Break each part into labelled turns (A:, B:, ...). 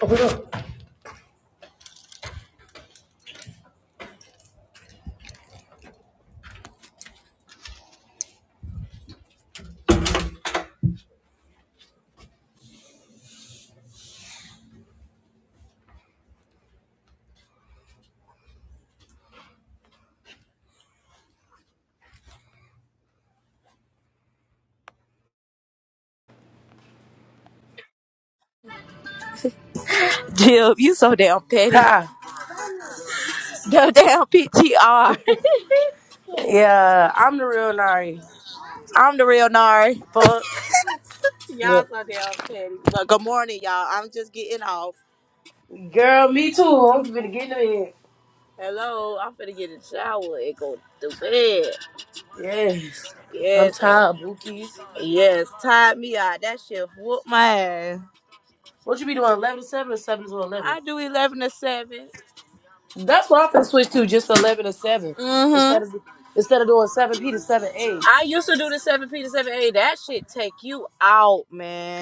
A: Jill, you so damn petty.
B: Ha.
A: Go damn PTR.
B: Yeah, I'm the real Nari.
A: I'm the real Nari.
B: Fuck.
A: Y'all
B: Look.
A: so damn petty. But good morning, y'all. I'm just getting off.
B: Girl, me too. I'm gonna get into it.
A: Hello, I'm finna get in the shower and go to bed.
B: Yes. I'm
A: Yes,
B: tired, Buki.
A: yes, tired me out. That shit whooped my ass.
B: What you be doing, 11 to 7 or 7 to 11?
A: I do 11 to 7.
B: That's what I'm gonna switch to, just 11 to 7.
A: Mm-hmm.
B: Instead of instead of doing 7P to 7A.
A: I used to do the 7P to 7A. That shit take you out,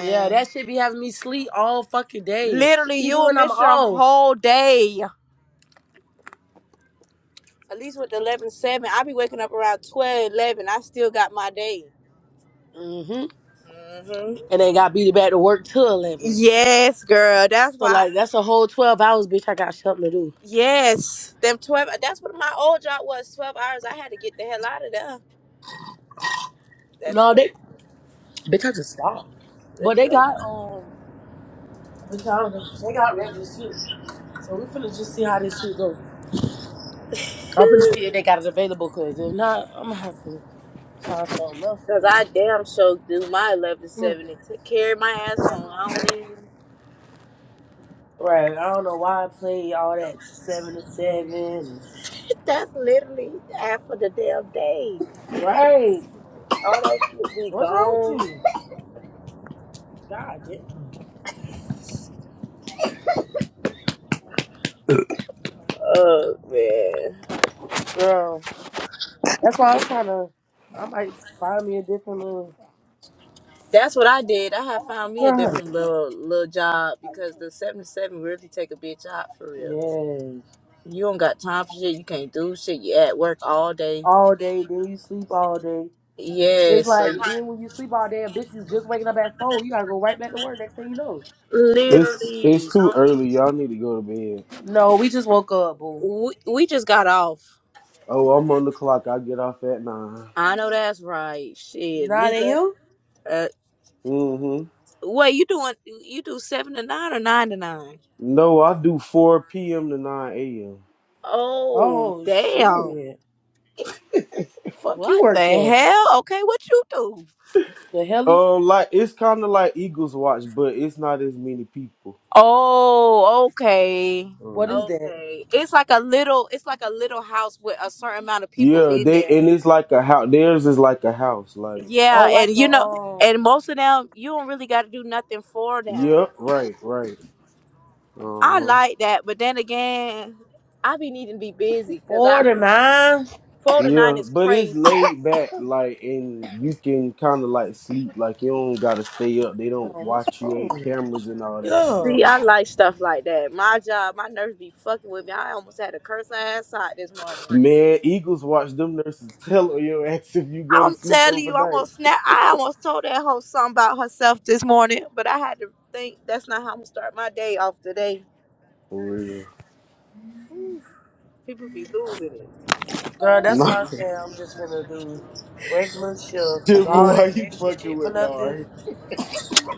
B: Yeah, that shit be having me sleep all fucking day.
A: Literally,
B: Even
A: you'll
B: when I'm
A: miss your
B: off.
A: whole day. At least with the 11 seven, I be waking up around 12 11. I still got my day.
B: hmm
A: hmm
B: And they got beat back to work till 11.
A: Yes, girl. That's
B: So,
A: why.
B: like, that's a whole 12 hours, bitch, I got something to do.
A: Yes. Them 12. That's what my old job was 12 hours. I had to get the hell out of there. That's
B: No,
A: what.
B: they Bitch, I just stopped. But
A: That's
B: they
A: what.
B: got um, bitch, I don't know. They got regular shit, so we finna just see how this shit go. I'm finna see if they got it available, cause if not, I'm gonna have to find something else to
A: Cause
B: do.
A: I damn sure do my eleven
B: Hmm.
A: seventy to carry my ass home. I don't even.
B: Right, I don't know why I play all that seven to seven.
A: That's literally half of the damn day.
B: Right,
A: All that shit be
B: what's wrong with
A: gone.
B: you? God damn,
A: Oh man.
B: girl. That's why I'm trying to. I might find me a different little.
A: That's what I did. I had found me a
B: Girl.
A: different little little job because the seven to seven really take a bitch out for real.
B: Yes,
A: You don't got time for shit. You can't do shit. You at work all day.
B: all day. Then you sleep all day. It's
A: Yes, so
B: like
A: you-
B: then when you sleep all day, a bitch be just waking up at four. You gotta go right back to work next thing you know.
C: It's it's
A: literally,
C: too
A: don't need-
C: early. Y'all need to go to bed.
B: No, we just woke up, boo.
A: we we just got off.
C: Oh, I'm on the clock. I get off at nine.
A: I know that's right. Shit,
B: Nine
A: Lisa.
B: a.m.
A: Uh,
C: Mm-hmm.
A: wait, you doing? You do seven to nine or nine to nine?
C: No, I do four p.m. to nine a.m.
A: Oh
B: Oh
A: damn!
B: shit! Fuck you
A: What
B: work
A: the
B: at
A: hell? Okay, what you do?
B: the heli?
C: Oh, like it's kind of like Eagles Watch, but it's not as many people.
A: Oh, okay.
B: What
C: Mm.
B: is that?
A: Okay. It's like a little it's like a little house with a certain amount of people
C: Yeah,
A: in
C: they
A: there.
C: and it's like a house. Theirs is like a house. Like,
B: Oh,
A: Yeah,
B: like
A: and
B: a
A: you know
B: um
A: and most of them you don't really gotta do nothing for them.
C: yep, right, right. Uh
A: I
C: huh.
A: like that, but then again, I be needing to be busy because
B: four
A: I
B: to
A: go
B: nine.
A: four to nine
C: Yeah,
A: is
C: but it's
A: crazy.
C: laid back, like, and you can kind of like sleep. Like, you don't gotta stay up. They
B: Oh,
C: don't
B: what's
C: watch you. Ain't
B: wrong?
C: cameras and all
B: Get
C: that
A: See,
B: up,
C: shit.
A: I like stuff like that. My job, my nerves be fucking with me. I almost had to curse her ass out this morning.
C: Man, Eagles watch them nurses tell on your ass if you go to
A: I'm
C: sleep
A: telling you, I
C: overnight.
A: almost snap. I almost told that whole something about herself this morning, but I had to think that's not how I'm gonna start my day off today.
C: For real.
A: Whew, People be losing it,
B: girl. That's
C: Not
B: why I said I'm just finna do regular shit, cause
C: Jimmy,
B: all
C: why
B: that
C: you
B: extra
C: fucking
B: shit for
C: with
B: nothing.
C: Nari?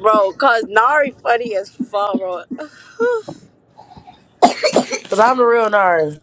A: bro. Cause Nari funny as fuck, bro.
B: Cause I'm a real nerd.